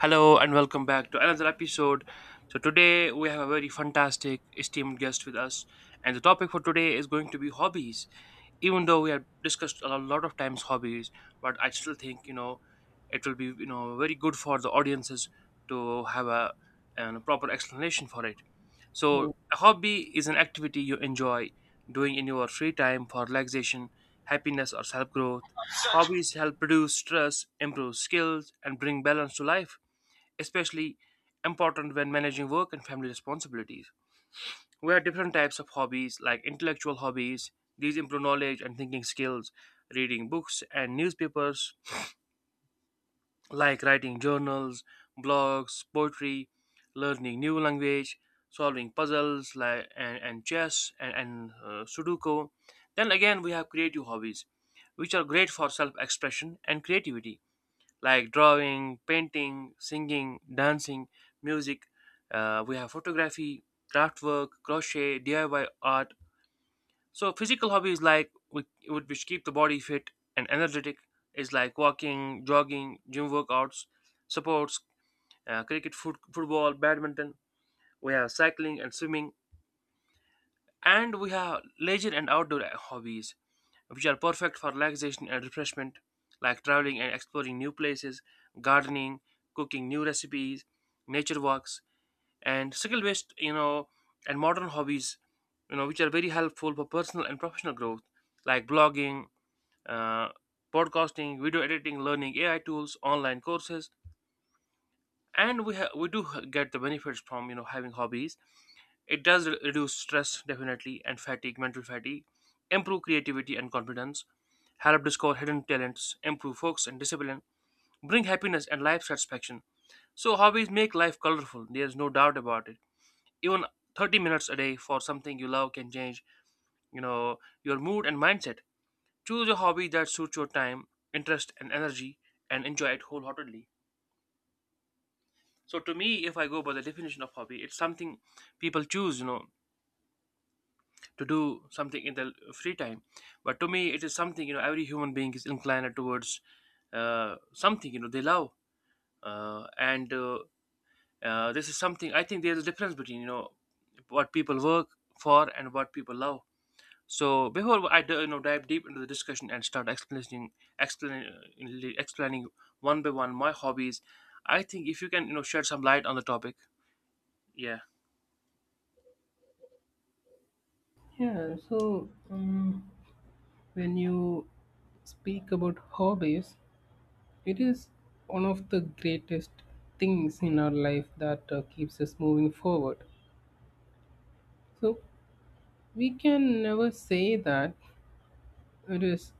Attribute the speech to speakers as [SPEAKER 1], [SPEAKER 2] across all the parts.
[SPEAKER 1] Hello and welcome back to another episode. So today we have a very fantastic esteemed guest with us, and the topic for today is going to be hobbies. Even though we have discussed a lot of times hobbies, but I still think, it will be, very good for the audiences to have an proper explanation for it. So
[SPEAKER 2] Oh.
[SPEAKER 1] a hobby is an activity you enjoy doing in your free time for relaxation, happiness or self-growth. Hobbies help reduce stress, improve skills and bring balance to life, especially important when managing work and family responsibilities. We have different types of hobbies, like intellectual hobbies. These improve knowledge and thinking skills. Reading books and newspapers, like writing journals, blogs, poetry, learning new language, solving puzzles like and chess, and Sudoku. Then again, we have creative hobbies, which are great for self-expression and creativity, like drawing, painting, singing, dancing, music. We have photography, craftwork, crochet, DIY art. So physical hobbies like which keep the body fit and energetic is like walking, jogging, gym workouts, sports, cricket, football, badminton. We have cycling and swimming, and we have leisure and outdoor hobbies which are perfect for relaxation and refreshment, like traveling and exploring new places, gardening, cooking new recipes, nature walks, and skill based, and modern hobbies, which are very helpful for personal and professional growth, like blogging, uh, podcasting, video editing, learning AI tools, online courses. And we get the benefits from having hobbies. It does reduce stress definitely and fatigue, mental fatigue, improve creativity and confidence, help discover hidden talents, improve focus and discipline, bring happiness and life satisfaction. So, hobbies make life colorful, there's no doubt about it. Even 30 minutes a day for something you love can change, you know, your mood and mindset. Choose a hobby that suits your time, interest, and energy and enjoy it wholeheartedly. So, to me, if I go by the definition of hobby, it's something people choose, to do something in their free time. But to me, it is something, every human being is inclined towards something, they love. And this is something I think there's a difference between what people work for and what people love. So before I dive deep into the discussion and start explaining one by one my hobbies, I think if you can shed some light on the topic, yeah.
[SPEAKER 2] Yeah, so when you speak about hobbies, it is one of the greatest things in our life that keeps us moving forward. So we can never say that it is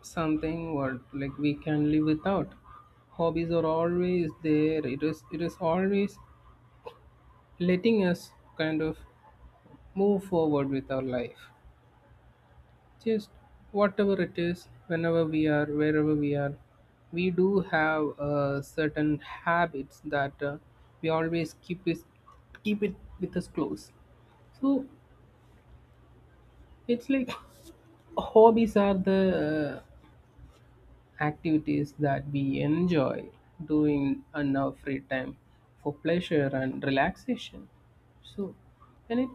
[SPEAKER 2] something, or like, we can live without. Hobbies are always there. It is always letting us kind of move forward with our life. Just whatever it is, whenever we are, wherever we are, we do have certain habits that we always keep it with us close. So it's like hobbies are the activities that we enjoy doing on our free time for pleasure and relaxation. So, when it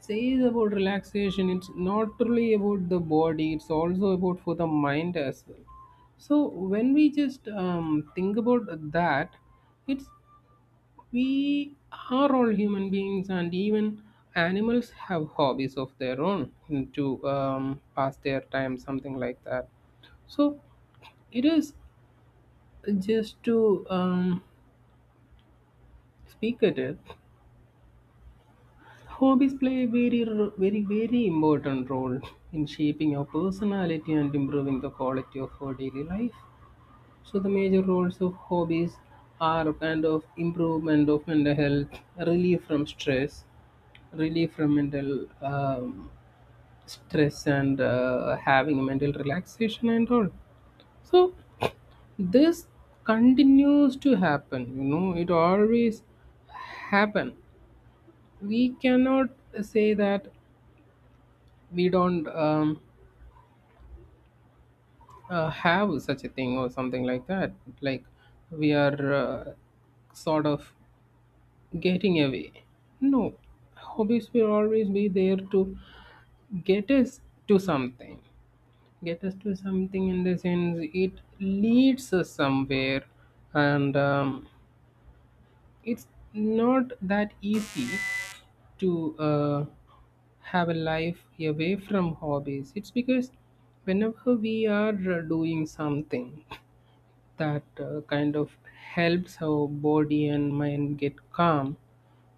[SPEAKER 2] says about relaxation, it's not only about the body, it's also about for the mind as well. So, when we just think about that, it's, we are all human beings, and even animals have hobbies of their own to pass their time, something like that. So, it is just to speak at it, hobbies play a very important role in shaping your personality and improving the quality of our daily life. So the major roles of hobbies are a kind of improvement of mental health, relief from stress, relief from mental stress, and having mental relaxation and all. So this continues to happen. You know, it always happen, we cannot say that we don't have such a thing or something like that, like we are sort of getting away. No, hobbies will always be there to get us to something. Get us to something in the sense it leads us somewhere, and it's not that easy to have a life away from hobbies. It's because whenever we are doing something, that kind of helps our body and mind get calm,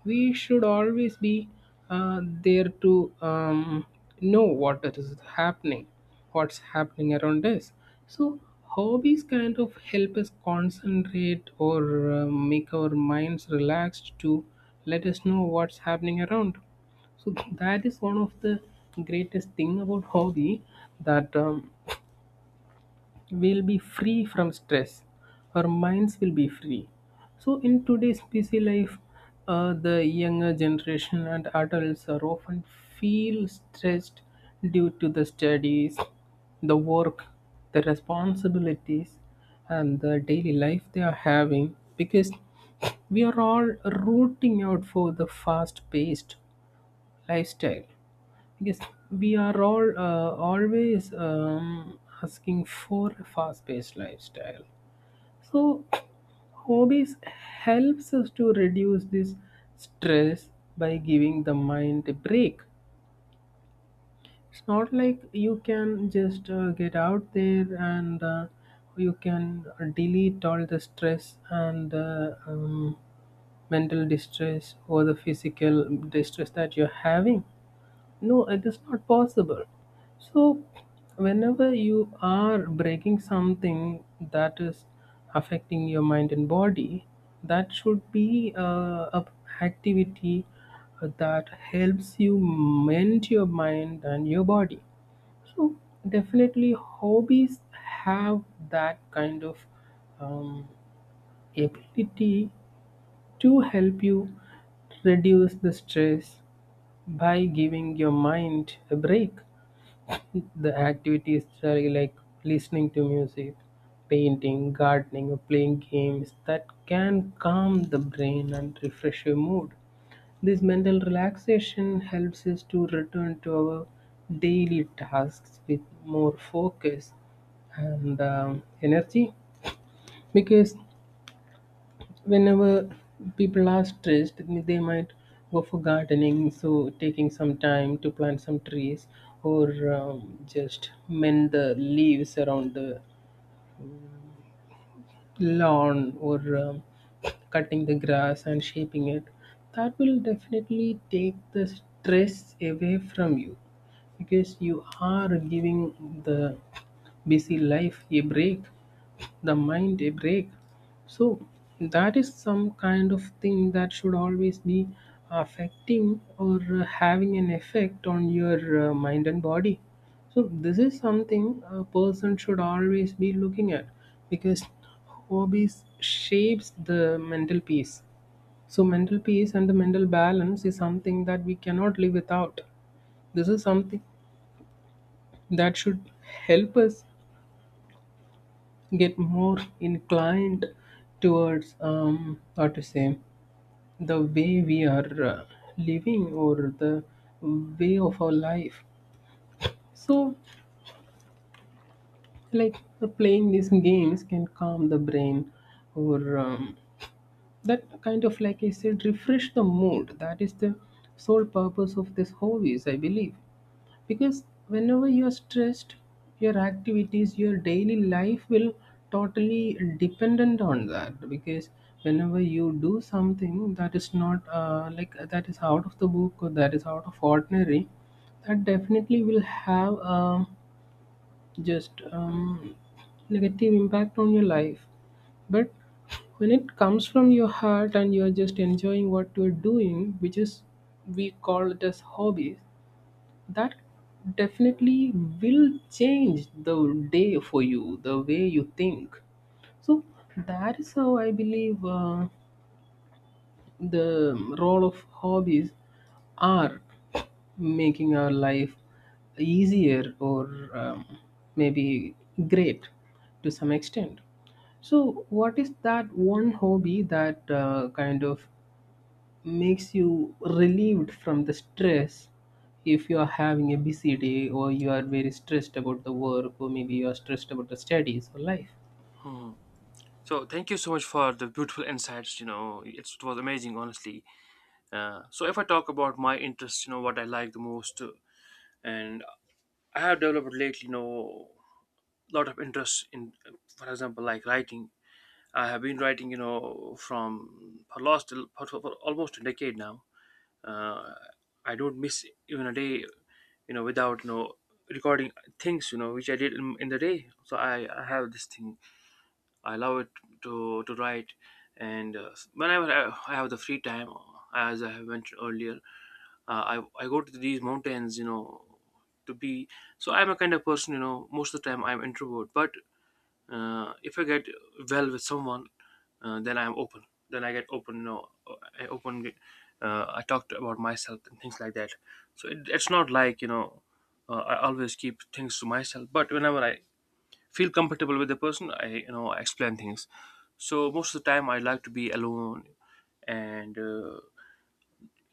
[SPEAKER 2] we should always be there to know what it is happening, what's happening around us. So, hobbies kind of help us concentrate or make our minds relaxed to let us know what's happening around. So, that is one of the greatest thing about hobby that will be free from stress, our minds will be free. So in today's busy life, the younger generation and adults are often feel stressed due to the studies, the work, the responsibilities, and the daily life they are having, because we are all rooting out for the fast paced lifestyle. Yes, we are all always asking for a fast-paced lifestyle. So, hobbies helps us to reduce this stress by giving the mind a break. It's not like you can just get out there and you can delete all the stress and mental distress or the physical distress that you're having. No, it is not possible. So, whenever you are breaking something that is affecting your mind and body, that should be a activity that helps you mend your mind and your body. So definitely, hobbies have that kind of um, ability to help you reduce the stress by giving your mind a break. The activities are like listening to music, painting, gardening, or playing games that can calm the brain and refresh your mood. This mental relaxation helps us to return to our daily tasks with more focus and energy, because whenever people are stressed, they might go for gardening, so taking some time to plant some trees or just mend the leaves around the lawn, or cutting the grass and shaping it, that will definitely take the stress away from you, because you are giving the busy life a break, the mind a break. So that is some kind of thing that should always be affecting or having an effect on your mind and body. So this is something a person should always be looking at, because hobbies shapes the mental peace. So mental peace and the mental balance is something that we cannot live without. This is something that should help us get more inclined towards, um, how to say, the way we are living, or the way of our life. So, like, playing these games can calm the brain, or that kind of, like I said, refresh the mood. That is the sole purpose of this hobbies, I believe. Because whenever you're stressed, your activities, your daily life will totally dependent on that, because whenever you do something that is not like that is out of the book or that is out of ordinary, that definitely will have just negative impact on your life. But when it comes from your heart and you're just enjoying what you're doing, which is, we call it as hobbies, that definitely will change the day for you, the way you think. So that is how I believe the role of hobbies are making our life easier or um, maybe great to some extent. So, what is that one hobby that kind of makes you relieved from the stress if you are having a busy day, or you are very stressed about the work, or maybe you are stressed about the studies or life?
[SPEAKER 1] Hmm. So thank you so much for the beautiful insights. It was amazing honestly. So if I talk about my interests, you know what I like the most. And I have developed lately, lot of interest in, for example, like writing. I have been writing, from for last for almost a decade now. Uh, i don't miss even a day without recording things which I did in the day. So I have this thing, I love it to write. And whenever I have the free time, as I have mentioned earlier, I go to these mountains, you know, to be. So I'm a kind of person, most of the time I'm introvert, but if I get well with someone, then I'm open. Then I get open, i open get- I talked about myself and things like that. So it's not like I always keep things to myself, but whenever I feel comfortable with the person, I you know I explain things. So most of the time I like to be alone. And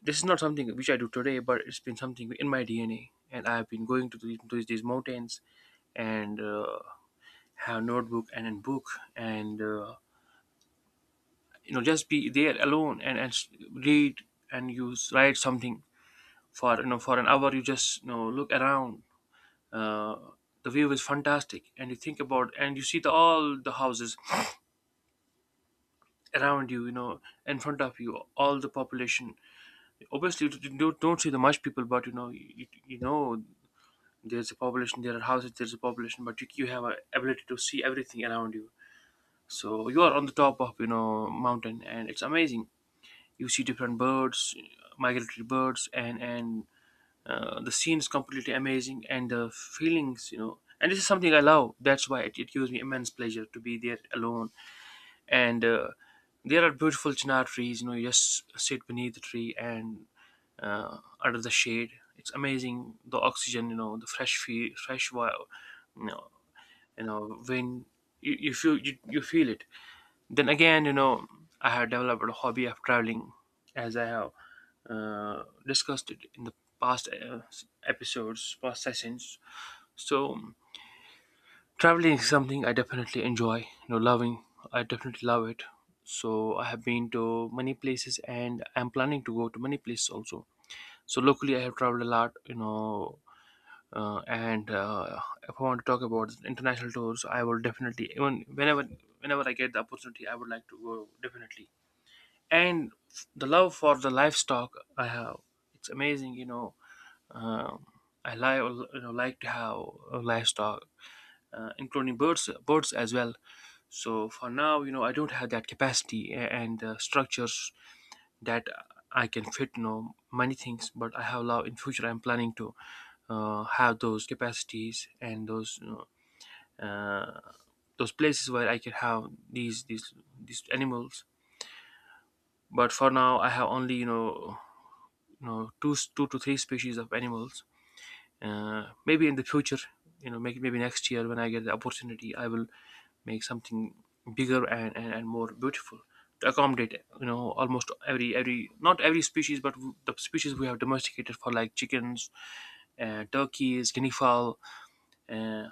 [SPEAKER 1] this is not something which I do today, but it's been something in my DNA. And I've been going to to these mountains and have a notebook and a book, and just be there alone, and read, and you write something for, for an hour. You just look around. Uh, the view is fantastic. And you think about and you see all the houses around you, in front of you, all the population. Obviously, you don't see the much people, but, there's a population, there are houses, there's a population, but you have a ability to see everything around you. So you are on the top of mountain, and it's amazing. You see different birds, migratory birds, and the scene is completely amazing, and the feelings, and this is something I love. That's why it gives me immense pleasure to be there alone. And there are beautiful chinar trees. You just sit beneath the tree, and uh, under the shade, it's amazing. The oxygen, the fresh wild, you know when you feel it. Then again, I have developed a hobby of traveling, as I have discussed it in the past, episodes, past sessions. So traveling is something I definitely enjoy, loving. I definitely love it. So I have been to many places, and I'm planning to go to many places also. So locally I have traveled a lot, and if I want to talk about international tours, I will definitely, even whenever I get the opportunity, I would like to go definitely. And the love for the livestock I have. It's amazing. Um, I like to have livestock, including birds as well. So for now, I don't have that capacity and structures that I can fit, many things. But I have love in future. I'm planning to have those capacities and uh, those places where I can have these animals. But for now, I have only two to three species of animals. Maybe in the future, maybe next year, when I get the opportunity, I will make something bigger, and more beautiful to accommodate almost every not every species, but the species we have domesticated, for like chickens and turkeys, guinea fowl. uh,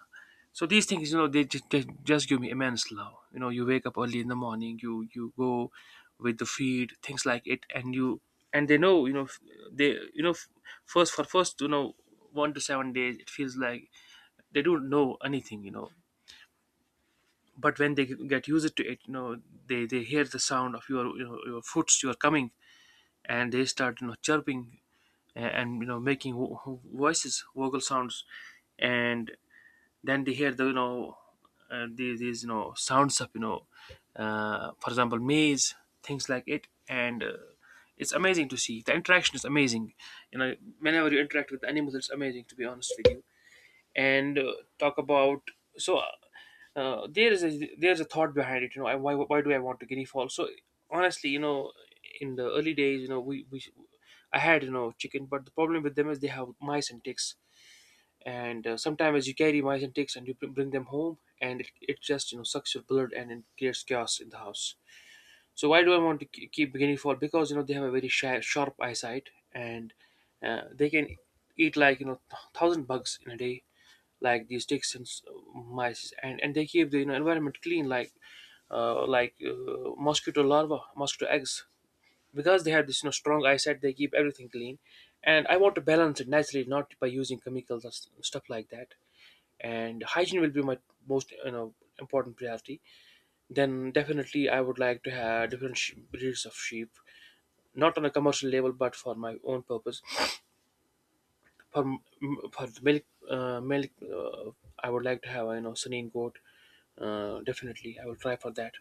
[SPEAKER 1] so these things, they just give me immense love. You wake up early in the morning, you go with the feed, things like it, and they know. You know, f- they you know, f- first for first, 1 to 7 days, it feels like they don't know anything. But when they get used to it, they hear the sound of your foots, your coming, and they start chirping, and making voices, vocal sounds, and then they hear the these you know sounds of for example, maze, things like it, and it's amazing to see. The interaction is amazing. Whenever you interact with animals, it's amazing, to be honest with you. And talk about. So there's a thought behind it. Why do I want to guinea fowl? So honestly, in the early days, we I had chicken, but the problem with them is they have mice and ticks. And sometimes you carry mice and ticks and you bring them home, and it just sucks your blood, and it creates chaos in the house. So why do I want to keep guinea fowl? Because they have a very shy, sharp eyesight, and they can eat like thousand bugs in a day, like these ticks and mice, and they keep the, environment clean, like mosquito larvae, mosquito eggs, because they have this strong eyesight. They keep everything clean. And I want to balance it naturally, not by using chemicals or stuff like that. And hygiene will be my most important priority. Then definitely I would like to have different breeds of sheep, not on a commercial level but for my own purpose, for for the milk uh, I would like to have, sunin goat. Definitely I will try for that.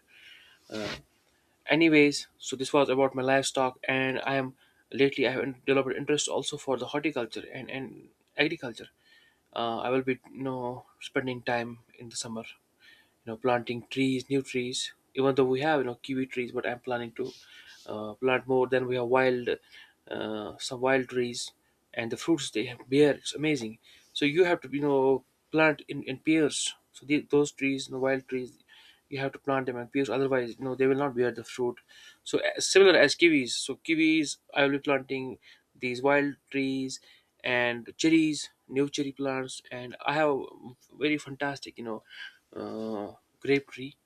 [SPEAKER 1] Uh, anyways so this was about my livestock, and I am lately I have developed interest also for the horticulture and agriculture. I will be, spending time in the summer, planting Trees, new trees. Even though we have kiwi trees, but I'm planning to plant more. Then we have wild some wild trees, and the fruits they have bear, it's amazing. So you have to plant in pairs, so those trees, wild trees, you have to plant them, and because otherwise they will not bear the fruit. So similar as kiwis. So kiwis I will be planting, these wild trees, and cherries, new cherry plants. And I have a very fantastic uh, grape tree,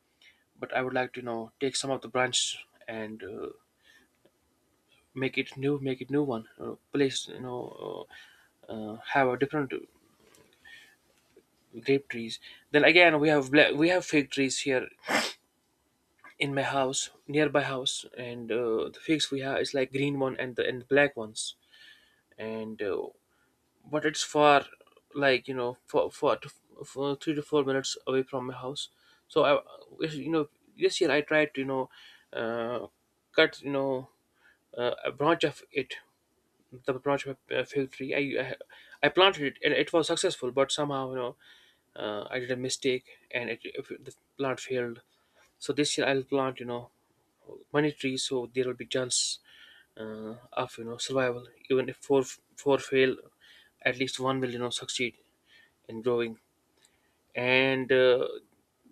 [SPEAKER 1] but I would like to take some of the branch and make it new, make it new one, place, have a different grape trees. Then again we have we have fig trees here in my house, nearby house, and the figs we have is like green one and the black ones, and but it's far, like for 3 to 4 minutes away from my house. So I, you know, this year I tried to uh, cut, a branch of it, the branch of a fig tree. I I planted it and it was successful, but somehow I did a mistake, and it, if the plant failed. So this year I'll plant, monetary, so there will be chance of survival. Even if four, four fail, at least one will succeed in growing. And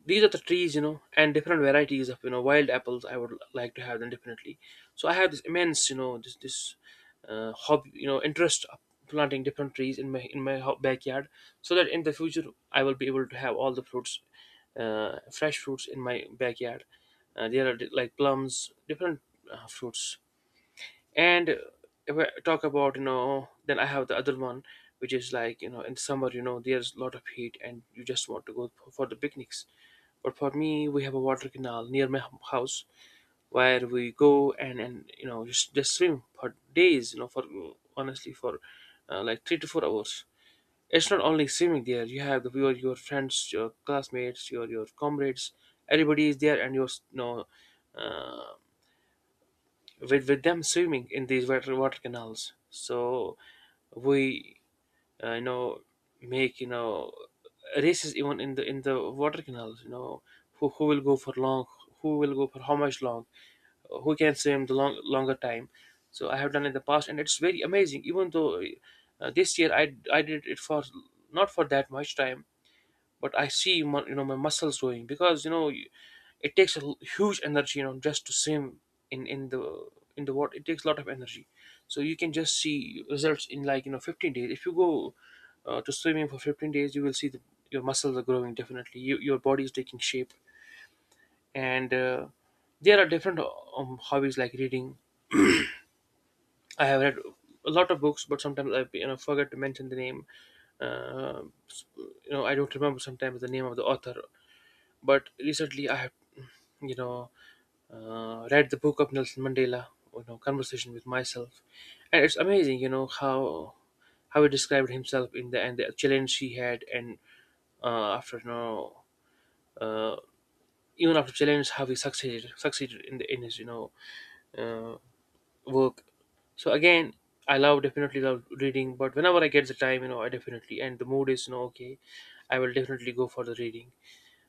[SPEAKER 1] these are the trees, and different varieties of wild apples, I would like to have them definitely. So I have this immense you know this this hobby, interest of planting different trees in my backyard, so that in the future I will be able to have all the fruits, fresh fruits in my backyard. Uh, there are like plums, different fruits. And if I talk about, then I have the other one, which is like, in summer, there's a lot of heat, and you just want to go for the picnics. But for me, we have a water canal near my house, where we go and, just swim for days, for, honestly, for like 3 to 4 hours. It's not only swimming there, you have your friends, your classmates, your comrades, everybody is there, and you're, uh, with them swimming in these water canals. So we, uh, you know make, races even in the water canals. Who will go for long, who will go for how much long, who can swim the longer time. So I have done in the past, and it's very amazing. Even though this year I did it for, not for that much time, but I see my, my muscles doing, because it takes a huge energy, just to swim in in the in the water. It takes a lot of energy. So you can just see results in like, 15 days. If you go to swimming for 15 days, you will see that your muscles are growing, definitely. You, your body is taking shape. And there are different hobbies like reading. I have read a lot of books, but sometimes I forget to mention the name. uh, I don't remember sometimes the name of the author. But recently, I have, you know, read the book of Nelson Mandela, Conversation with Myself, and it's amazing, how he described himself in the, and the challenge he had, and after uh, even after challenge, how he succeeded in the in his uh, work. So again, I love, definitely love reading, but whenever I get the time, I definitely, and the mood is okay, I will definitely go for the reading.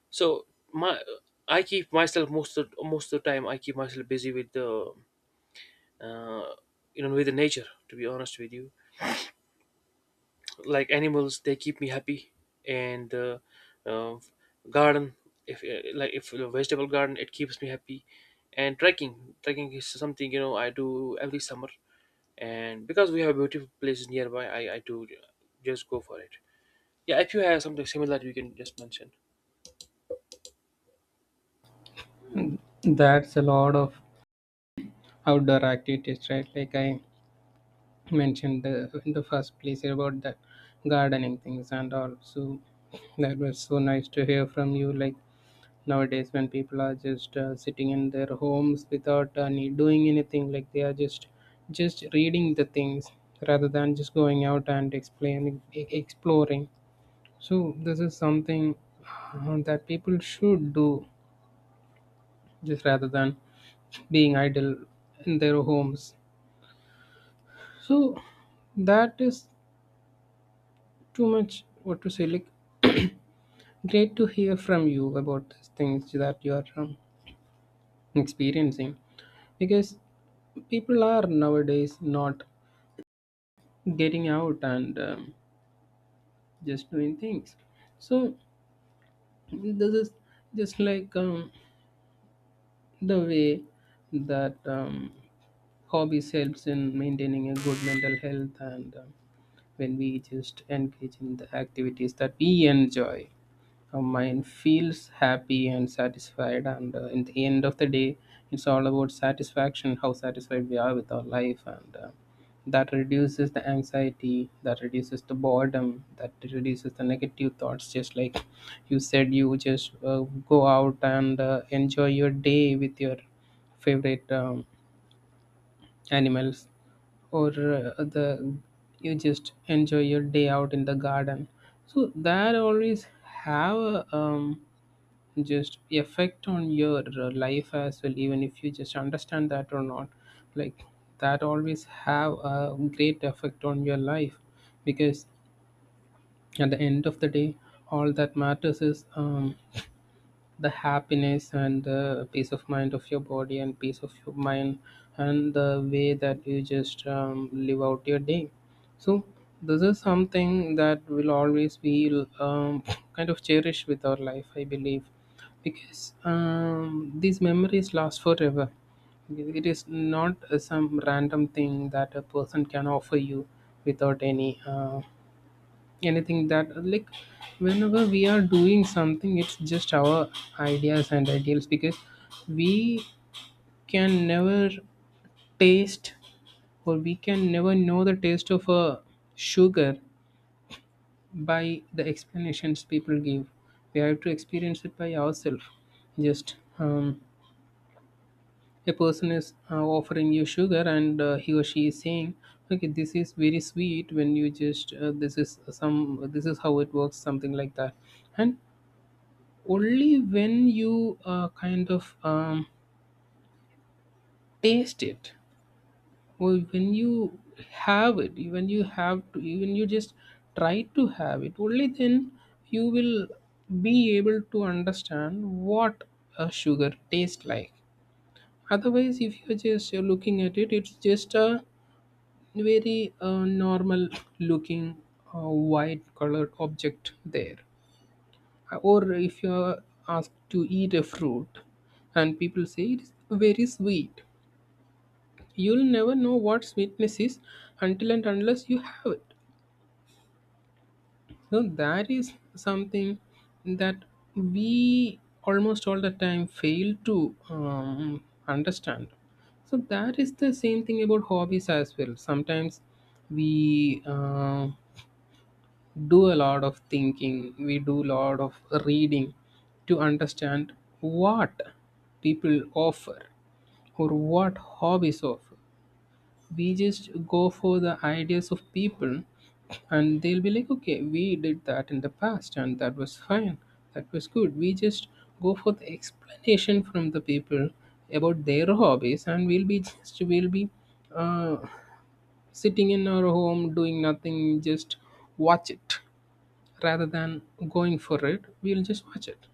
[SPEAKER 1] So my, I keep myself most of the time, I keep myself busy with the uh, with the nature. To be honest with you, like animals, they keep me happy, and uh, garden, if like if the vegetable garden, it keeps me happy, and trekking is something, I do every summer, and because we have beautiful places nearby, I do just go for it. Yeah, if you have something similar, you can just mention.
[SPEAKER 2] That's a lot of outdoor activities, right? Like I mentioned in the first place about the gardening things and all. So that was so nice to hear from you. Like, nowadays, when people are just sitting in their homes without need, doing anything, like they are just reading the things rather than just going out and exploring. So this is something that people should do just rather than being idle in their homes. So that is too much, what to say, like, great to hear from you about these things that you are experiencing, because people are nowadays not getting out and just doing things. So this is just like the way that hobbies helps in maintaining a good mental health, and when we just engage in the activities that we enjoy, our mind feels happy and satisfied, and in the end of the day, it's all about satisfaction, how satisfied we are with our life, and that reduces the anxiety, that reduces the boredom, that reduces the negative thoughts. Just like you said, you just go out and enjoy your day with your favorite animals, or the, you just enjoy your day out in the garden. So that always have a just effect on your life as well, even if you just understand that or not. Like, that always have a great effect on your life, because at the end of the day, all that matters is the happiness and the peace of mind of your body and peace of your mind, and the way that you just live out your day. So this is something that will always be kind of cherished with our life, I believe, because these memories last forever. It is not some random thing that a person can offer you without any anything. That, like, whenever we are doing something, it's just our ideas and ideals, because we can never taste, or we can never know the taste of a sugar by the explanations people give. We have to experience it by ourselves. Just a person is offering you sugar, and he or she is saying, okay, this is very sweet, when you just this is some, this is how it works, something like that. And only when you kind of taste it, or when you have it, when you have to, even you just try to have it, only then you will be able to understand what a sugar tastes like. Otherwise, if you're just looking at it, it's just a very normal looking white colored object there. Or if you're asked to eat a fruit and people say it is very sweet, you'll never know what sweetness is until and unless you have it. So that is something that we almost all the time fail to understand. So that is the same thing about hobbies as well. Sometimes we do a lot of thinking, we do a lot of reading to understand what people offer or what hobbies offer. We just go for the ideas of people, and they'll be like, okay, we did that in the past and that was fine, that was good. We just go for the explanation from the people about their hobbies, and we'll be just, we'll be uh, sitting in our home doing nothing, just watch it, rather than going for it, we'll just watch it,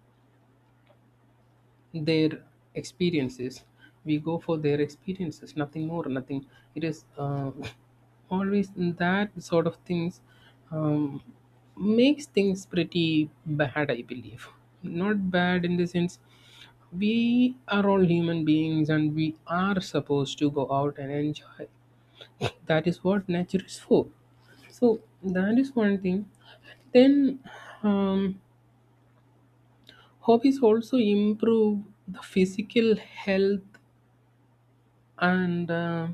[SPEAKER 2] their experiences. We go for their experiences, nothing more, nothing. It is always that sort of things, um, makes things pretty bad, I believe. Not bad in the sense, we are all human beings, And we are supposed to go out and enjoy. That is what nature is for. So that is one thing. Then um, hobbies also improve the physical health and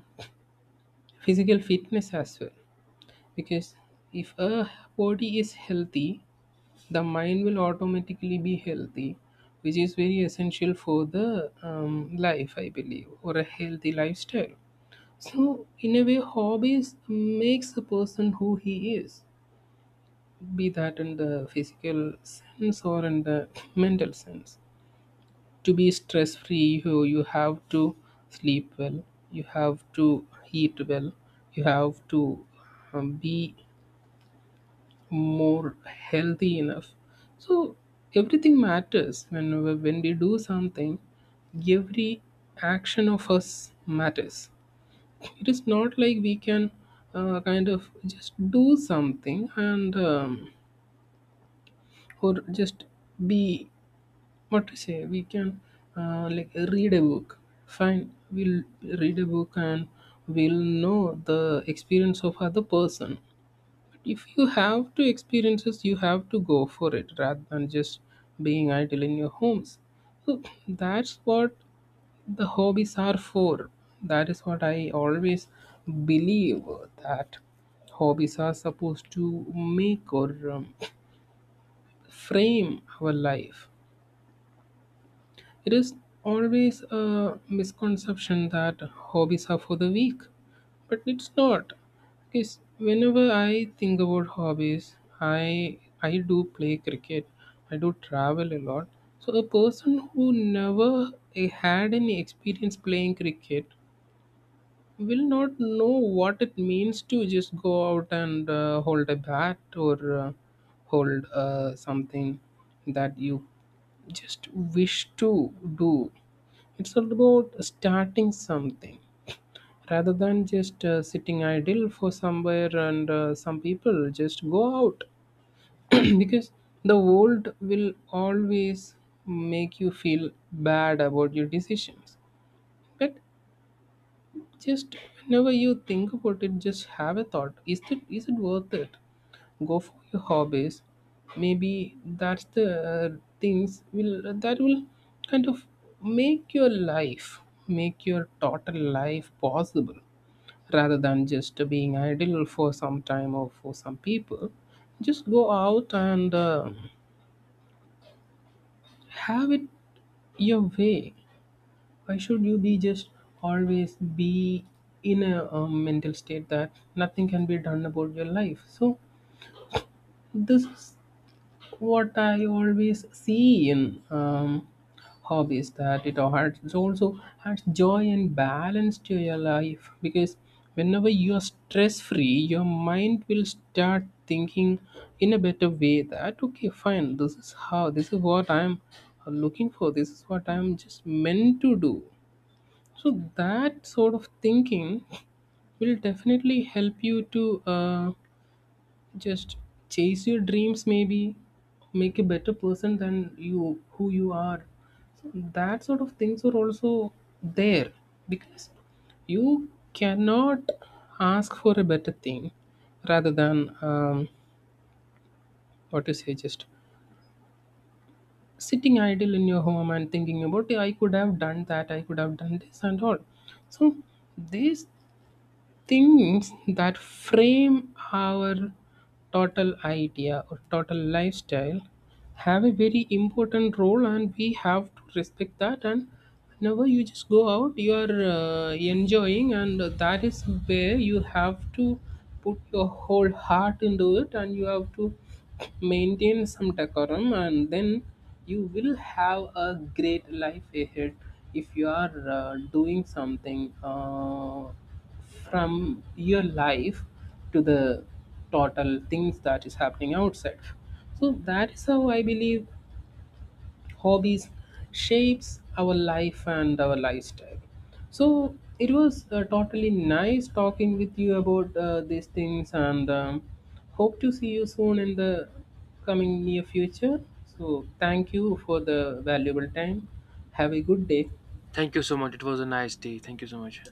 [SPEAKER 2] physical fitness as well. Because if a body is healthy, the mind will automatically be healthy, which is very essential for the life, I believe, or a healthy lifestyle. So, in a way, hobbies makes the person who he is, be that in the physical sense or in the mental sense. To be stress free, you have to sleep well, you have to eat well, you have to be more healthy enough. So everything matters. When we do something, every action of us matters. It is not like we can kind of just do something and or just be. What to say? We can like read a book. Fine, we'll read a book and we'll know the experience of other person. But if you have to experiences, you have to go for it rather than just being idle in your homes. So that's what the hobbies are for. That is what I always believe, that hobbies are supposed to make or frame our life. It is always a misconception that hobbies are for the weak, but it's not. Because whenever I think about hobbies, I do play cricket. I do travel a lot. So a person who never had any experience playing cricket will not know what it means to just go out and hold a bat or hold something that you just wish to do. It's all about starting something rather than just sitting idle for somewhere, and some people just go out because the world will always make you feel bad about your decisions. But just whenever you think about it, just have a thought. Is it worth it? Go for your hobbies. Maybe that's the things will that will kind of make your life, make your total life possible, rather than just being idle for some time or for some people. Just go out and have it your way. Why should you be just always be in a, mental state that nothing can be done about your life? So this is what I always see in hobbies, that it adds, also adds joy and balance to your life. Because whenever you are stress free, your mind will start thinking in a better way that, okay, fine, this is how, this is what I'm looking for, this is what I'm just meant to do. So that sort of thinking will definitely help you to just chase your dreams, maybe make a better person than you who you are. So that sort of things are also there, because you cannot ask for a better thing rather than what to say, just sitting idle in your home and thinking about, "Yeah, I could have done that, I could have done this and all." So these things that frame our total idea or total lifestyle have a very important role, and we have to respect that. And whenever you just go out, you are enjoying, and that is where you have to put your whole heart into it, and you have to maintain some decorum, and then you will have a great life ahead if you are doing something from your life to the total things that is happening outside. So that is how I believe hobbies shapes our life and our lifestyle. So it was totally nice talking with you about these things, and hope to see you soon in the coming near future. So thank you for the valuable time. Have a good day.
[SPEAKER 1] Thank you so much. It was a nice day. Thank you so much.